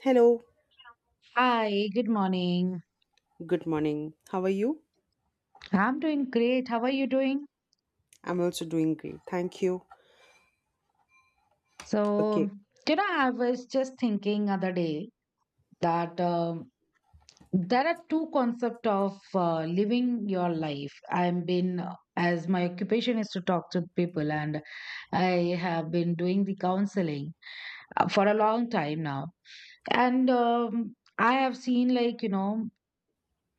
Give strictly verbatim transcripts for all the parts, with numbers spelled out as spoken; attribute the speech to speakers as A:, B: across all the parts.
A: Hello,
B: Hi, good morning.
A: good morning. How are you?
B: I'm doing great. How are you doing?
A: I'm also doing great. Thank you.
B: So,
A: Okay,
B: you know, I was just thinking other day that um, there are two concept of uh, living your life. I've been, uh, as my occupation is to talk to people, and I have been doing the counseling uh, for a long time now. And um, I have seen, like, you know,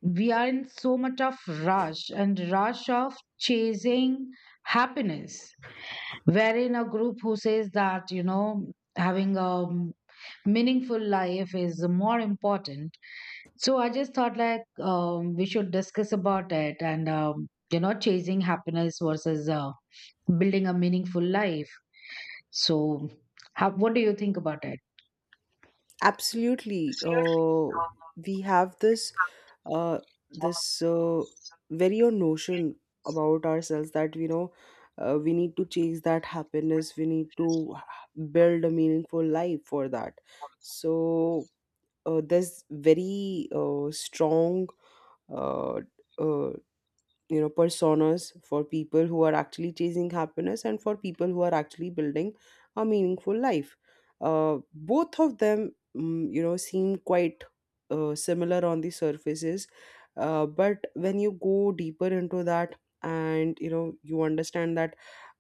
B: we are in so much of rush and rush of chasing happiness. We're in a group who says that, you know, having a meaningful life is more important. So I just thought like um, we should discuss about it, and, um, you know, chasing happiness versus uh, building a meaningful life. So, how, what do you think about it?
A: absolutely. Uh, we have this uh, this uh, very own notion about ourselves that you know uh, we need to chase that happiness. We need to h- build a meaningful life for that. So, uh, there's very uh, strong, uh, uh, you know, personas for people who are actually chasing happiness and for people who are actually building a meaningful life. Uh, both of them mm, you know seem quite uh, similar on the surfaces, uh, but when you go deeper into that and you know you understand that,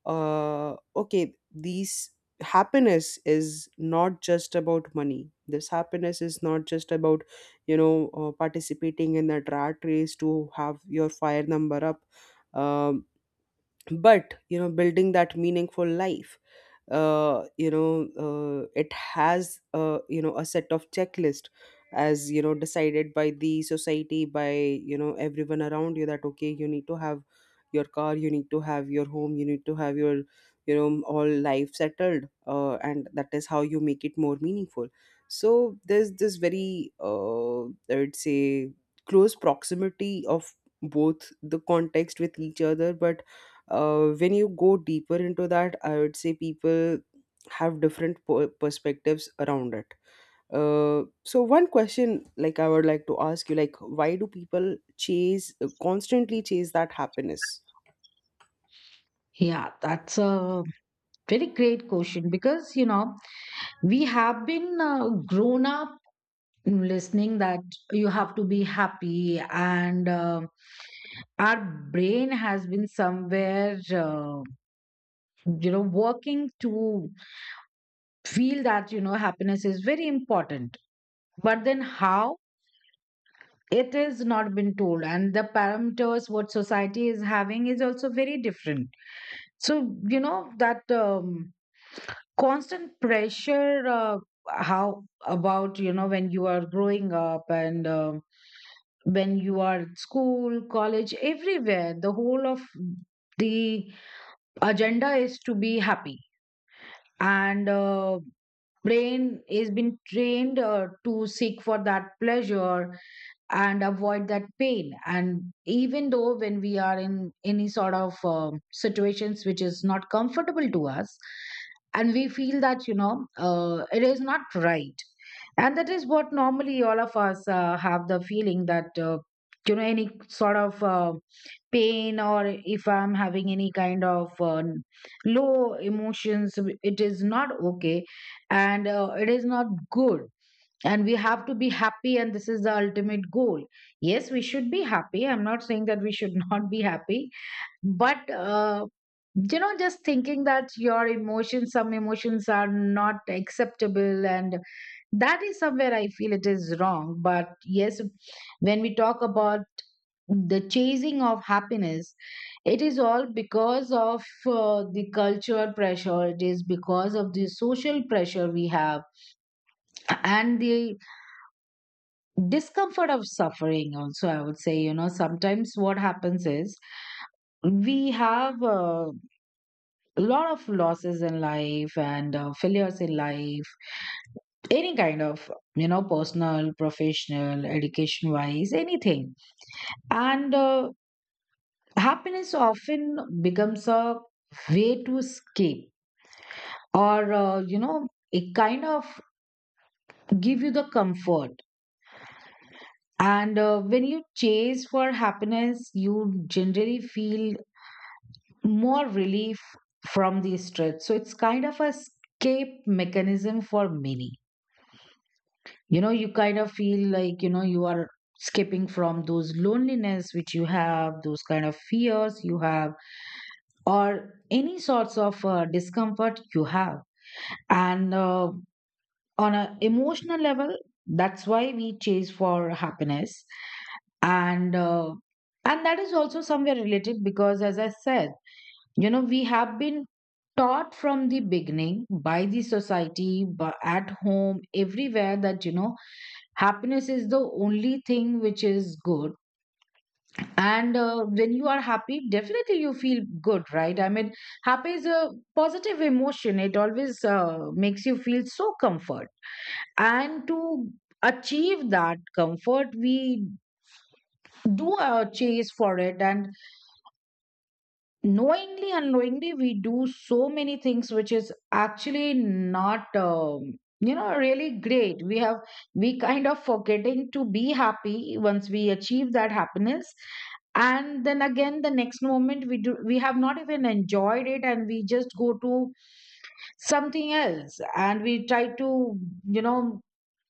A: uh, okay, these happiness is not just about money, this happiness is not just about, you know, uh, participating in that rat race to have your fire number up. um, but you know building that meaningful life, uh, you know uh, it has, uh, you know, a set of checklist as you know decided by the society, by you know everyone around you, that okay you need to have your car, you need to have your home, you need to have your, you know, all life settled, uh, and that is how you make it more meaningful. So there's this very, uh, I would say, close proximity of both the context with each other, but uh, when you go deeper into that, I would say people have different per- perspectives around it. Uh, so one question like I would like to ask you, like why do people chase, uh, constantly chase that happiness?
B: Yeah, that's a very great question because, you know, we have been uh, grown up listening that you have to be happy, and um our brain has been somewhere uh, you know working to feel that you know happiness is very important, but then how it is not been told, and the parameters what society is having is also very different. So you know that, um, constant pressure, uh, how about you know when you are growing up, and um when you are at school, college, everywhere. The whole of the agenda is to be happy. And uh, brain is been trained uh, to seek for that pleasure and avoid that pain, and even though when we are in any sort of um, situations which is not comfortable to us, and we feel that you know uh, it is not right. And that is what normally all of us uh, have the feeling that, uh, you know, any sort of uh, pain, or if I'm having any kind of uh, low emotions, it is not okay, and uh, it is not good, and we have to be happy, and this is the ultimate goal. Yes, we should be happy. I'm not saying that we should not be happy, but uh, you know, just thinking that your emotions, some emotions are not acceptable, and that is somewhere I feel it is wrong. But yes, when we talk about the chasing of happiness, it is all because of uh, the cultural pressure, it is because of the social pressure we have, and the discomfort of suffering also, I would say. You know, sometimes what happens is we have a lot of losses in life and uh, failures in life, any kind of, you know, personal, professional, education wise, anything. And uh, happiness often becomes a way to escape, or uh, you know, it kind of give you the comfort. And uh, when you chase for happiness, you generally feel more relief from the stress. So it's kind of a escape mechanism for many. You know, you kind of feel like, you know, you are escaping from those loneliness which you have, those kind of fears you have, or any sorts of uh, discomfort you have. And uh, on an emotional level, that's why we chase for happiness. And uh, and that is also somewhere related because, as I said, you know, we have been taught from the beginning by the society but at home everywhere that you know happiness is the only thing which is good. And uh, when you are happy, definitely you feel good, right? I mean, happy is a positive emotion. It always, uh, makes you feel so comfort, and to achieve that comfort we do uh, chase for it. And knowingly, unknowingly, we do so many things which is actually not, um, you know, really great. We have we kind of forgetting to be happy once we achieve that happiness, and then again the next moment, we do we have not even enjoyed it, and we just go to something else and we try to, you know,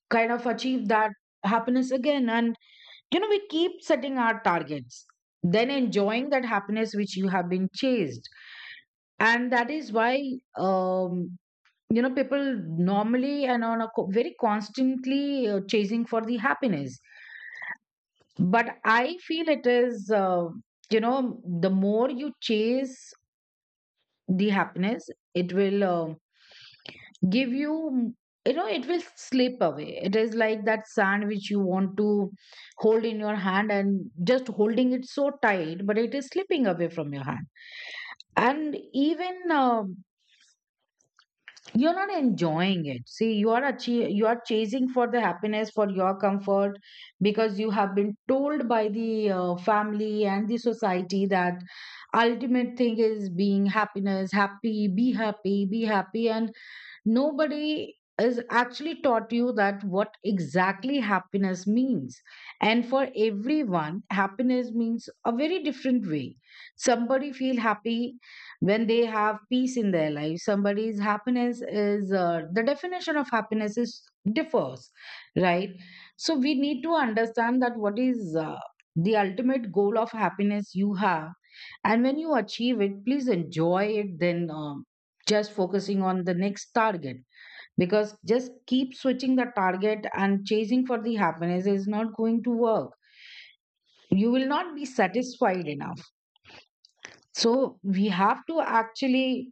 B: kind of achieve that happiness again. And you know, we keep setting our targets then enjoying that happiness which you have been chased. And that is why, um, you know, people normally and on a co- very constantly uh, chasing for the happiness. But I feel it is, uh, you know, the more you chase the happiness, it will, uh, give you, you know, it will slip away. It is like that sand which you want to hold in your hand and just holding it so tight, but it is slipping away from your hand. And even um you're not enjoying it. See, you are achieve, you are chasing for the happiness for your comfort because you have been told by the uh, family and the society that ultimate thing is being happiness. Happy, be happy, be happy. And nobody is actually taught you that what exactly happiness means. And for everyone, happiness means a very different way. Somebody feel happy when they have peace in their life. Somebody's happiness is, uh, the definition of happiness is differs, right? So we need to understand that what is uh, the ultimate goal of happiness you have, and when you achieve it, please enjoy it then, um just focusing on the next target, because just keep switching the target and chasing for the happiness is not going to work. You will not be satisfied enough. So we have to actually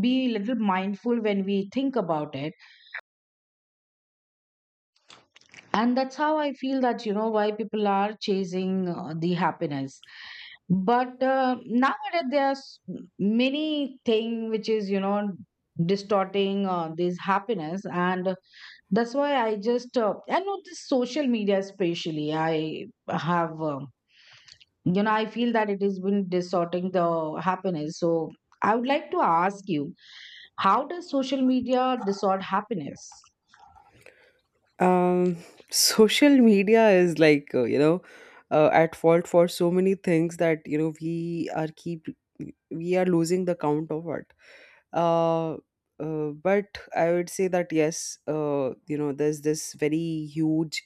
B: be a little mindful when we think about it. And that's how I feel that, you know, why people are chasing uh, the happiness. But uh, nowadays there's many thing which is you know distorting uh, this happiness. And that's why I just uh, I know this social media especially, I have, um, you know, I feel that it has been distorting the happiness. So I would like to ask you, how does social media distort happiness?
A: um Social media is like, uh, you know, uh, at fault for so many things that you know we are keep we are losing the count of it. uh, uh but I would say that yes, uh you know there's this very huge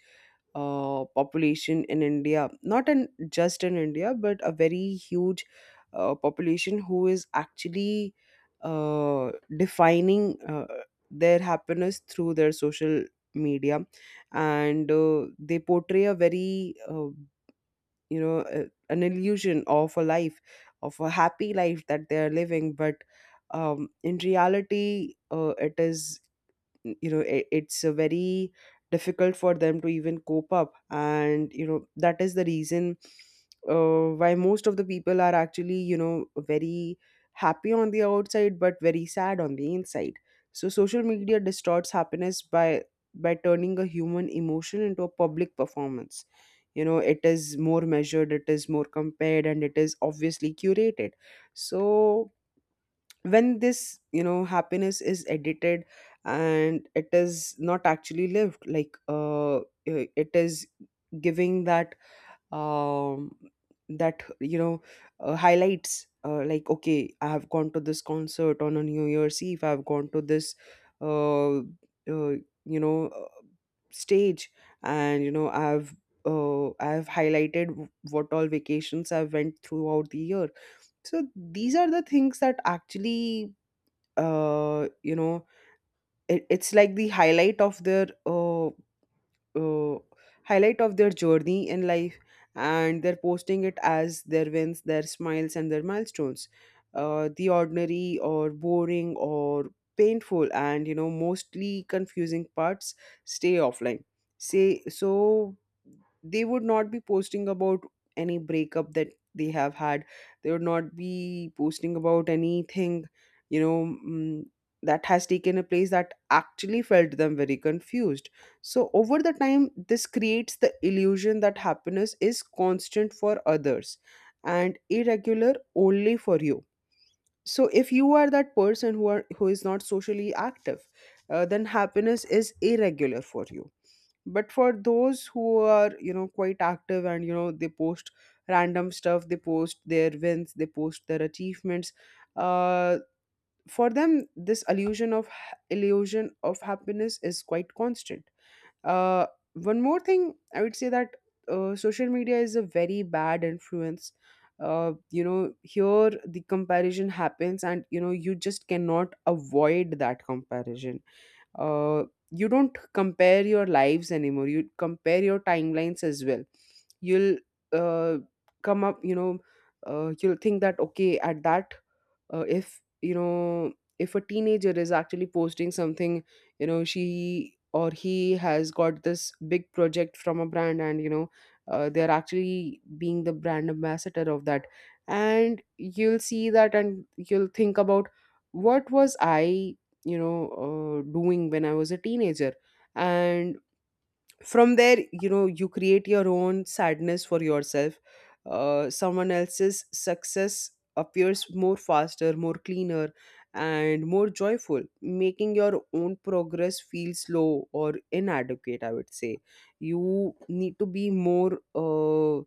A: uh, population in India, not in just in India, but a very huge uh, population who is actually uh, defining, uh, their happiness through their social media, and uh, they portray a very, uh, you know, uh, an illusion of a life, of a happy life that they are living, but um, in reality, uh, it is, you know, it, it's a very difficult for them to even cope up, and you know that is the reason uh, why most of the people are actually, you know, very happy on the outside but very sad on the inside. So social media distorts happiness by by turning a human emotion into a public performance. You know it is more measured, it is more compared, and it is obviously curated. So when this, you know, happiness is edited and it is not actually lived, like uh i- it is giving that, um that, you know, uh, highlights, uh, like okay I have gone to this concert on a New Year's Eve, I've gone to this, uh, uh you know, uh, stage, and you know I've, uh, I've highlighted w- what all vacations I've went throughout the year. So these are the things that actually, uh you know, it, it's like the highlight of their, uh uh, highlight of their journey in life, and they're posting it as their wins, their smiles, and their milestones. Uh, the ordinary or boring or painful and you know mostly confusing parts stay offline. Say so they would not be posting about any breakup that they have had. They would not be posting about anything, you know, mm, that has taken a place that actually felt them very confused. So, over the time, this creates the illusion that happiness is constant for others and irregular only for you. So, if you are that person who are who is not socially active, uh, then happiness is irregular for you. But for those who are, you know, quite active, and you know they post random stuff, they post their wins, they post their achievements. Uh, for them, this illusion of illusion of happiness is quite constant. uh, One more thing, I would say that, uh, social media is a very bad influence. Uh, you know, here the comparison happens, and you know, you just cannot avoid that comparison. Uh, you don't compare your lives anymore, you compare your timelines as well. You'll, uh, come up, you know, uh, you'll think that okay, at that, uh, if you know, if a teenager is actually posting something, you know she or he has got this big project from a brand and you know, uh, they're actually being the brand ambassador of that, and you'll see that and you'll think about what was I, you know, uh, doing when I was a teenager, and from there, you know, you create your own sadness for yourself. Uh, someone else's success appears more faster, more cleaner, and more joyful, making your own progress feel slow or inadequate. I would say you need to be more, uh,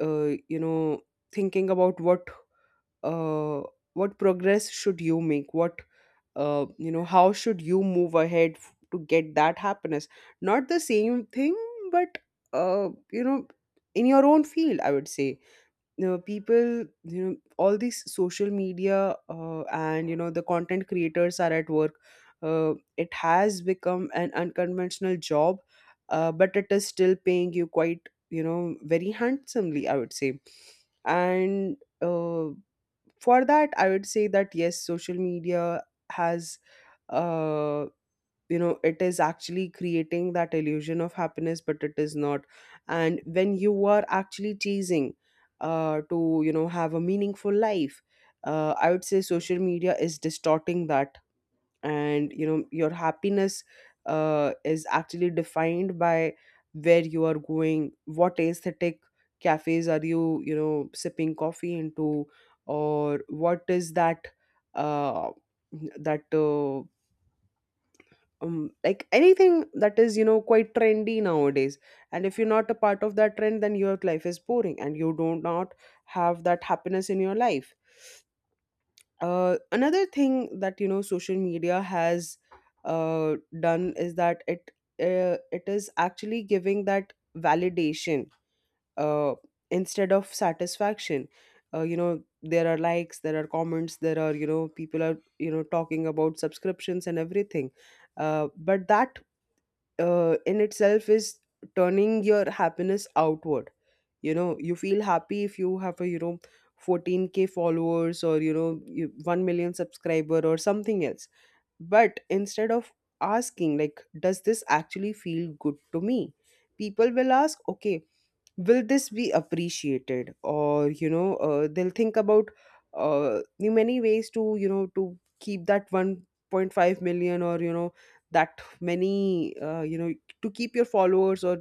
A: uh, you know, thinking about what, uh, what progress should you make, what, uh, you know, how should you move ahead f- to get that happiness. Not the same thing, but, uh, you know, in your own field, I would say. You know people, you know all these social media, uh, and you know the content creators are at work. Uh, it has become an unconventional job, uh, but it is still paying you quite, you know, very handsomely, I would say. And uh for that I would say that yes, social media has, uh you know, it is actually creating that illusion of happiness, but it is not. And when you are actually chasing, uh to you know have a meaningful life, uh, I would say social media is distorting that. And you know your happiness, uh, is actually defined by where you are going, what aesthetic cafes are you, you know, sipping coffee into, or what is that, uh, that uh, um, like anything that is, you know, quite trendy nowadays. And if you're not a part of that trend, then your life is boring and you do not have that happiness in your life. Uh, another thing that you know social media has uh, done is that it uh, it is actually giving that validation uh, instead of satisfaction. Uh, you know there are likes, there are comments, there are you know people are you know talking about subscriptions and everything, uh, but that, uh, in itself is turning your happiness outward. You know you feel happy if you have a, you know, fourteen k followers, or you know you- one million subscriber or something else. But instead of asking like does this actually feel good to me, people will ask okay, will this be appreciated, or you know uh, they'll think about uh, the many ways to, you know, to keep that one point five million, or you know that many, uh, you know, to keep your followers, or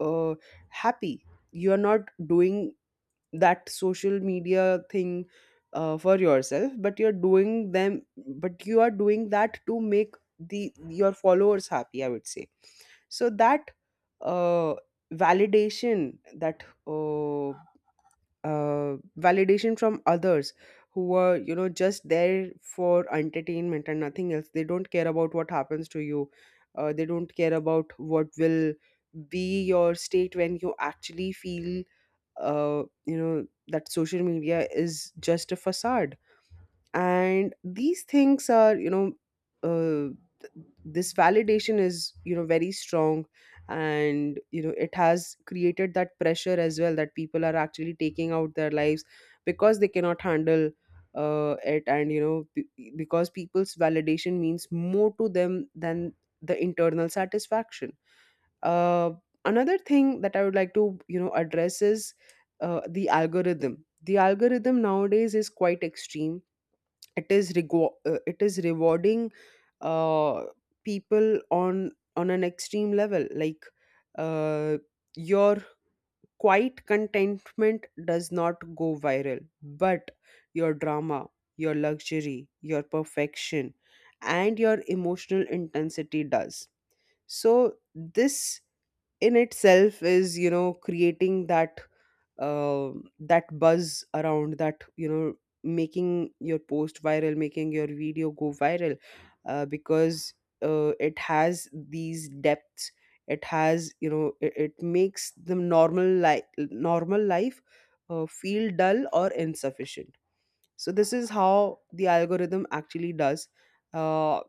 A: uh, happy. You are not doing that social media thing, uh, for yourself, but you're doing them but you are doing that to make the your followers happy, I would say. So that, uh, validation, that uh, uh, validation from others who are, you know, just there for entertainment and nothing else. They don't care about what happens to you. Uh, they don't care about what will be your state when you actually feel, uh, you know, that social media is just a facade. And these things are, you know, uh, th- this validation is, you know, very strong. And you know it has created that pressure as well, that people are actually taking out their lives because they cannot handle uh, it. And you know be- because people's validation means more to them than the internal satisfaction. uh, Another thing that I would like to, you know, address is, uh, the algorithm. The algorithm nowadays is quite extreme. It is rego- uh, it is rewarding uh, people on on an extreme level. Like, uh, your quiet contentment does not go viral, but your drama, your luxury, your perfection, and your emotional intensity does. So this in itself is you know creating that uh, that buzz around that, you know making your post viral, making your video go viral, uh, because uh, it has these depths. It has you know it, it makes the normal life normal life uh, feel dull or insufficient. So this is how the algorithm actually does. Uh,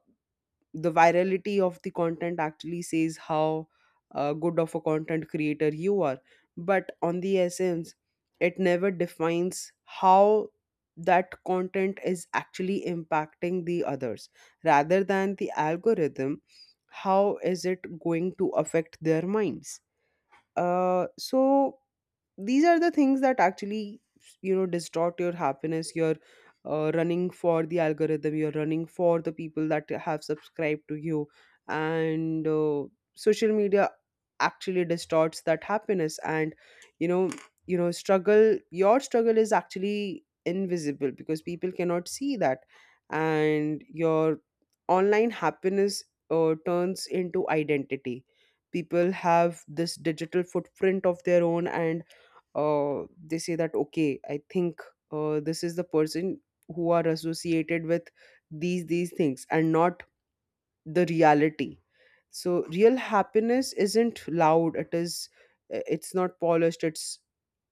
A: the virality of the content actually says how uh, good of a content creator you are, but on the essence, it never defines how that content is actually impacting the others. Rather than the algorithm, how is it going to affect their minds? Uh, so these are the things that actually, you know distort your happiness. You're uh, running for the algorithm, you're running for the people that have subscribed to you, and uh, social media actually distorts that happiness. And you know you know struggle, your struggle is actually invisible because people cannot see that. And your online happiness uh, turns into identity. People have this digital footprint of their own, and uh, they say that, okay, I think uh, this is the person who are associated with these these things and not the reality. So real happiness isn't loud, it is uh, it's not polished, it's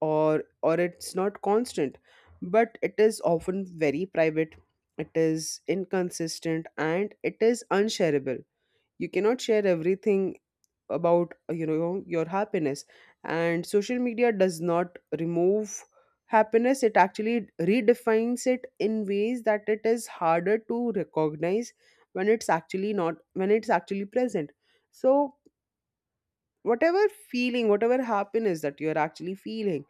A: or or it's not constant, but it is often very private. It is inconsistent and it is unshareable. You cannot share everything about uh, you know your happiness. And social media does not remove happiness, it actually redefines it in ways that it is harder to recognize when it's actually not, when it's actually present. So whatever feeling, whatever happiness that you're actually feeling,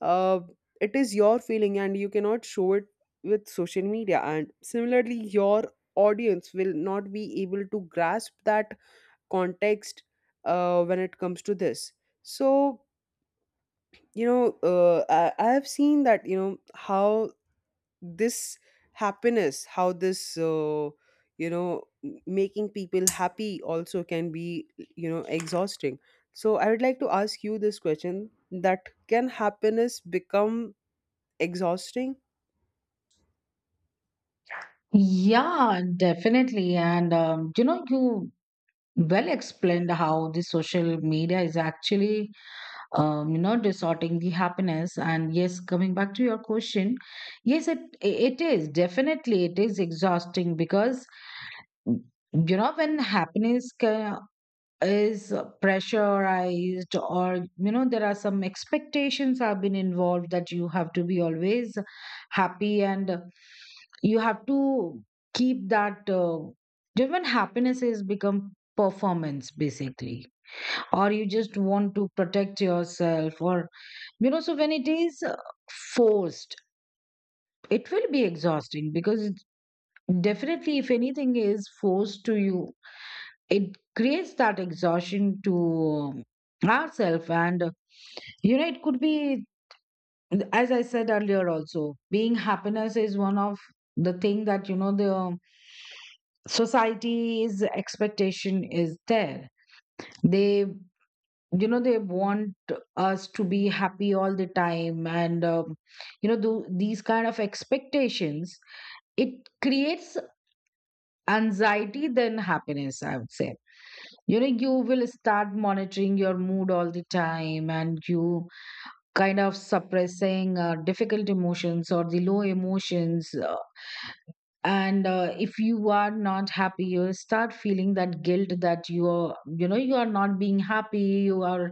A: uh, it is your feeling, and you cannot show it with social media. And similarly, your audience will not be able to grasp that context uh, when it comes to this. So, you know, uh, I, I have seen that, you know, how this happiness, how this, uh, you know, m- making people happy also can be, you know, exhausting. So, I would like to ask you this question, that can happiness become exhausting?
B: Yeah, definitely. And um, you know, you well explained how the social media is actually, um, you know, distorting the happiness. And yes, coming back to your question, yes, it it is definitely, it is exhausting because you know when happiness ca- is pressurized, or you know there are some expectations have been involved that you have to be always happy, and you have to keep that, uh, you when happiness is become performance basically, or you just want to protect yourself, or you know, so when it is uh, forced, it will be exhausting because definitely if anything is forced to you, it creates that exhaustion to ourselves. And uh, you know, it could be, as I said earlier also, being happiness is one of the thing that you know the, um, society's expectation is there. They, you know, they want us to be happy all the time. And um, you know, do these kind of expectations, it creates anxiety than happiness, I would say. You know, you will start monitoring your mood all the time, and you kind of suppressing uh, difficult emotions or the low emotions, uh, and uh, if you are not happy, you start feeling that guilt that you are, you know, you are not being happy, you are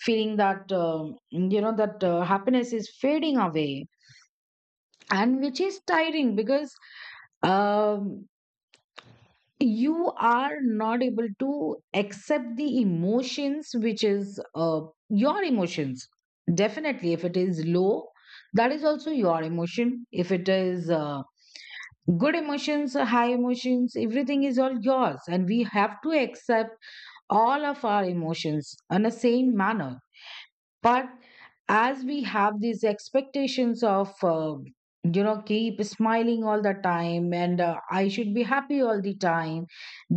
B: feeling that um you know that, uh, happiness is fading away, and which is tiring because um you are not able to accept the emotions which is, uh, your emotions. Definitely, if it is low, that is also your emotion. If it is, uh, good emotions, uh, high emotions, everything is all yours, and we have to accept all of our emotions in the same manner. But as we have these expectations of, uh, you know, keep smiling all the time, and uh, I should be happy all the time,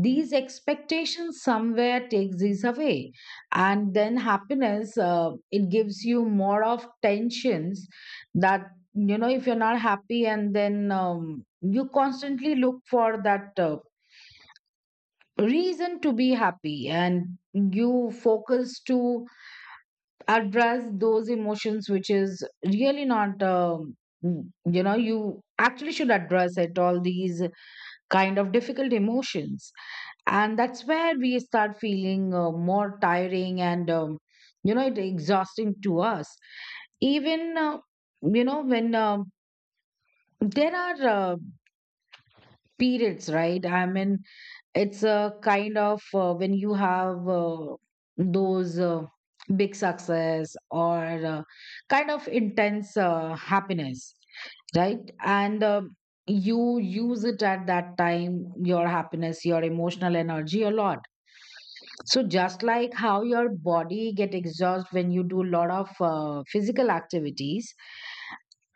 B: these expectations somewhere takes this away. And then happiness, uh, it gives you more of tensions, that you know if you're not happy, and then, um, you constantly look for that uh, reason to be happy, and you focus to address those emotions which is really not, um, mm, you know, you actually should address it, all these kind of difficult emotions. And that's where we start feeling uh, more tiring, and, um, you know, it exhausting to us. Even, uh, you know, when um there are, uh, periods, right? I mean, it's a kind of uh, when you have, uh, those, uh, big success, or uh, kind of intense uh, happiness, right? And um you use it at that time, your happiness, your emotional energy a lot. So just like how your body get exhausted when you do a lot of uh, physical activities,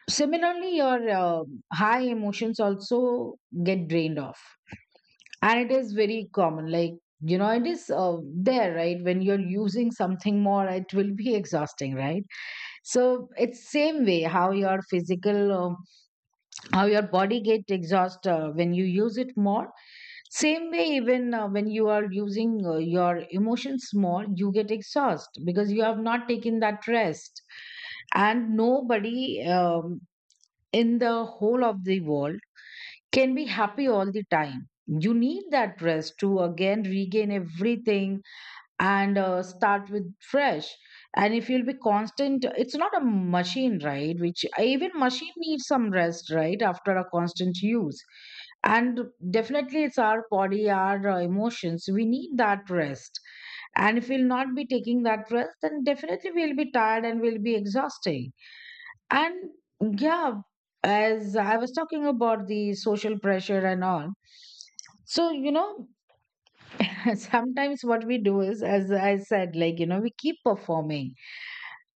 B: similarly your, uh, high emotions also get drained off. And it is very common, like, you know, it is, uh, there, right? When you're using something more, it will be exhausting, right? So it's same way how your physical, um, how your body get exhaust uh, when you use it more. Same way, even uh, when you are using uh, your emotions more, you get exhaust because you have not taken that rest. And nobody, um, in the whole of the world can be happy all the time. You need that rest to again regain everything and uh, start with fresh. And if you'll be constant, it's not a machine, right? Which even machine needs some rest, right? After a constant use. And definitely, it's our body, our uh, emotions. We need that rest. And if we'll not be taking that rest, then definitely we'll be tired and we'll be exhausting. And yeah, as I was talking about the social pressure and all, so you know, sometimes what we do is, as I said, like you know, we keep performing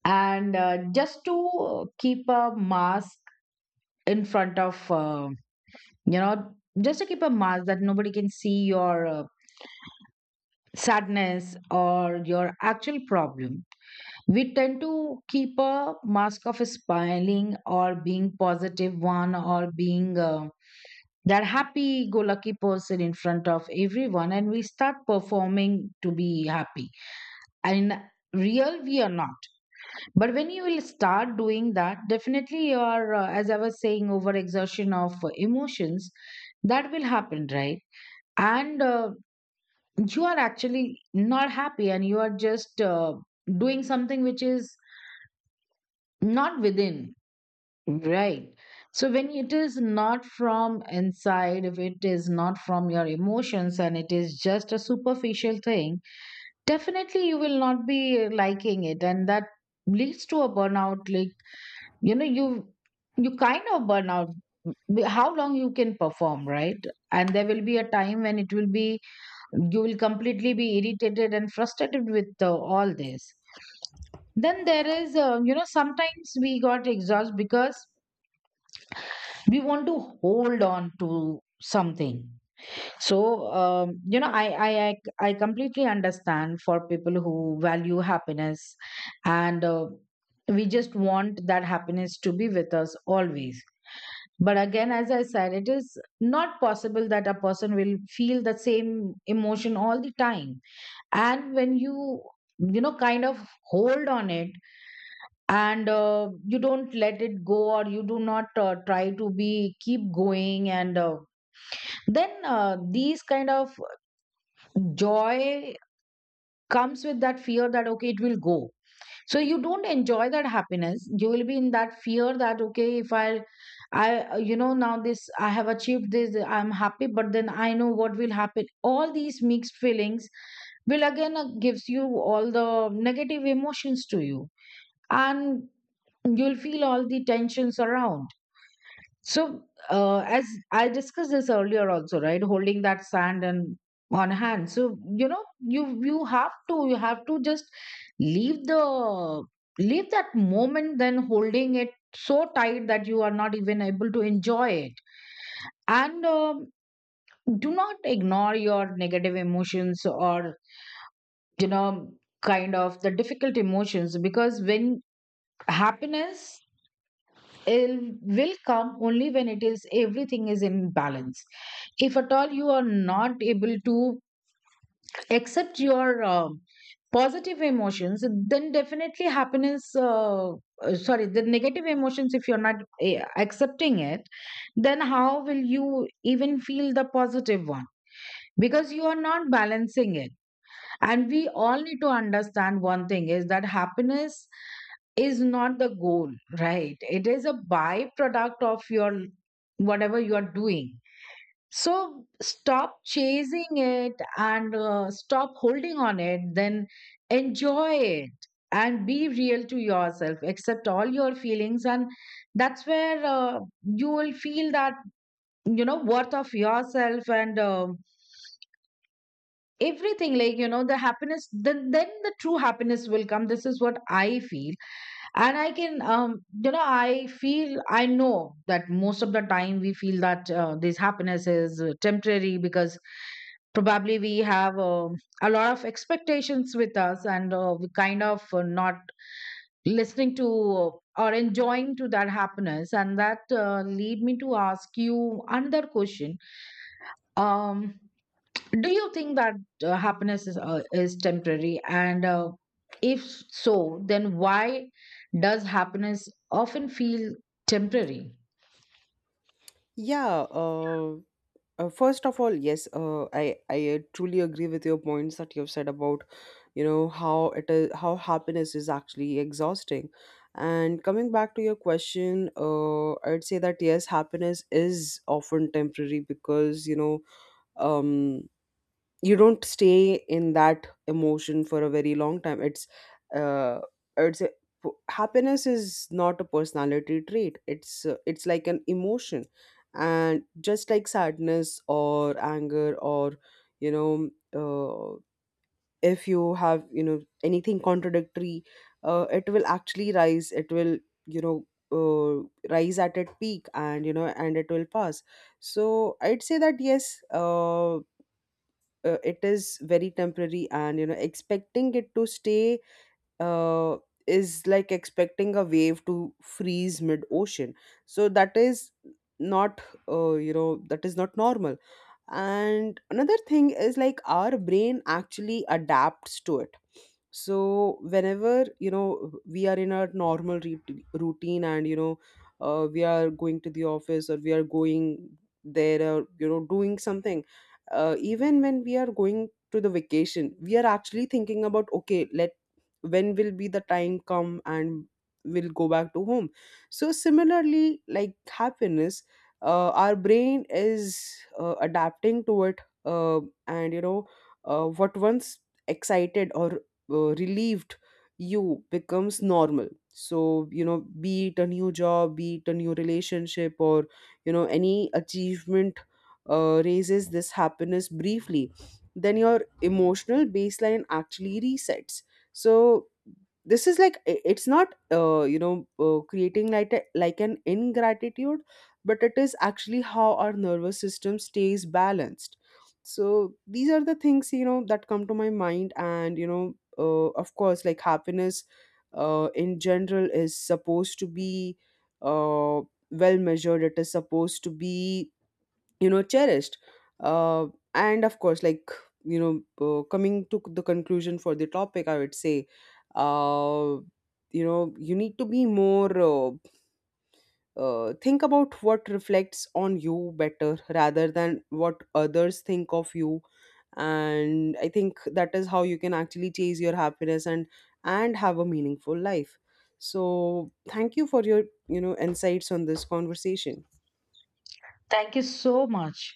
B: and uh, just to keep a mask in front of, uh, you know, just to keep a mask that nobody can see your uh, sadness or your actual problem. We tend to keep a mask of smiling or being positive one or being. Uh, that happy go lucky person in front of everyone and we start performing to be happy, and in real we are not. But when you will start doing that, definitely you are, uh, as I was saying, over exertion of uh, emotions. That will happen, right? And uh, you are actually not happy and you are just uh, doing something which is not within. Right. So when it is not from inside, if it is not from your emotions and it is just a superficial thing, definitely you will not be liking it. And that leads to a burnout. Like, you know, you you kind of burn out w- how long you can perform, right? And there will be a time when it will be you will completely be irritated and frustrated with uh, all this. Then there is, uh, you know, sometimes we got exhausted because we want to hold on to something. So um, you know, I, I i i completely understand for people who value happiness, and uh, we just want that happiness to be with us always. But again, as I said, it is not possible that a person will feel the same emotion all the time. And when you you know, kind of hold on it and uh, you don't let it go, or you do not uh, try to be keep going, and uh, then uh, these kind of joy comes with that fear that okay it will go. So you don't enjoy that happiness, you will be in that fear that okay, if I I uh, you know, now this I have achieved, this I'm happy, but then I know what will happen. All these mixed feelings will again uh, gives you all the negative emotions to you, and you'll feel all the tensions around. So, uh, as I discussed this earlier also, right? Holding that sand and on hand. So, you know, you you have to you have to just leave the leave that moment, then holding it so tight that you are not even able to enjoy it. And um, do not ignore your negative emotions, or you know, kind of the difficult emotions, because when happiness, it will come only when it is everything is in balance. If at all you are not able to accept your um positive emotions, then definitely happiness uh, uh, sorry, the negative emotions, if you're not eh, accepting it, then how will you even feel the positive one? Because you are not balancing it. And we all need to understand one thing is that happiness is not the goal, right? It is a byproduct of your whatever you are doing. So stop chasing it, and uh, stop holding on it, then enjoy it and be real to yourself, accept all your feelings. And that's where uh, you will feel that, you know, worth of yourself and um everything like, you know, the happiness, then, then the true happiness will come. This is what I feel. And I can um you know, I feel, I know that most of the time we feel that uh, this happiness is uh, temporary because probably we have um a lot of expectations with us, and uh, we kind of uh, not listening to uh, or enjoying to that happiness. And that uh, lead me to ask you another question. um do you think that uh, happiness is, uh, is temporary? And uh, if so, then why does happiness often feel temporary?
A: Yeah, uh, uh, first of all, yes, uh, I I uh, truly agree with your points that you've said about, you know, how it is, how happiness is actually exhausting. And coming back to your question, uh, I'd say that yes, happiness is often temporary because, you know, um you don't stay in that emotion for a very long time. It's uh it's a, happiness is not a personality trait. It's uh, it's like an emotion. And just like sadness or anger or, you know, uh, if you have, you know, anything contradictory, uh, it will actually rise, it will, you know, uh, rise at its peak, and you know, and it will pass. So I'd say that yes uh, uh, it is very temporary, and you know, expecting it to stay uh, is like expecting a wave to freeze mid ocean. So that is not, uh, you know, that is not normal. And another thing is, like, our brain actually adapts to it. So whenever, you know, we are in a normal re- routine, and you know, uh, we are going to the office, or we are going there, or you know, doing something, uh, even when we are going to the vacation, we are actually thinking about, okay, let, when will be the time come and we'll go back to home. So similarly, like happiness, uh, our brain is uh, adapting to it, uh, and you know, uh, what once excited or uh, relieved you becomes normal. So you know, be it a new job, be it a new relationship, or you know, any achievement, uh, raises this happiness briefly, then your emotional baseline actually resets. So this is like i- it's not, uh, you know, uh, creating like a, like an ingratitude, but it is actually how our nervous system stays balanced. So these are the things, you know, that come to my mind. And you know, uh, of course, like happiness uh, in general is supposed to be uh, well measured, it is supposed to be, you know, cherished, uh, and of course, like, you know, uh, coming to the conclusion for the topic, I would say uh, you know, you need to be more uh, uh, think about what reflects on you better rather than what others think of you. And I think that is how you can actually chase your happiness and and have a meaningful life. So thank you for your, you know, insights on this conversation.
B: Thank you so much.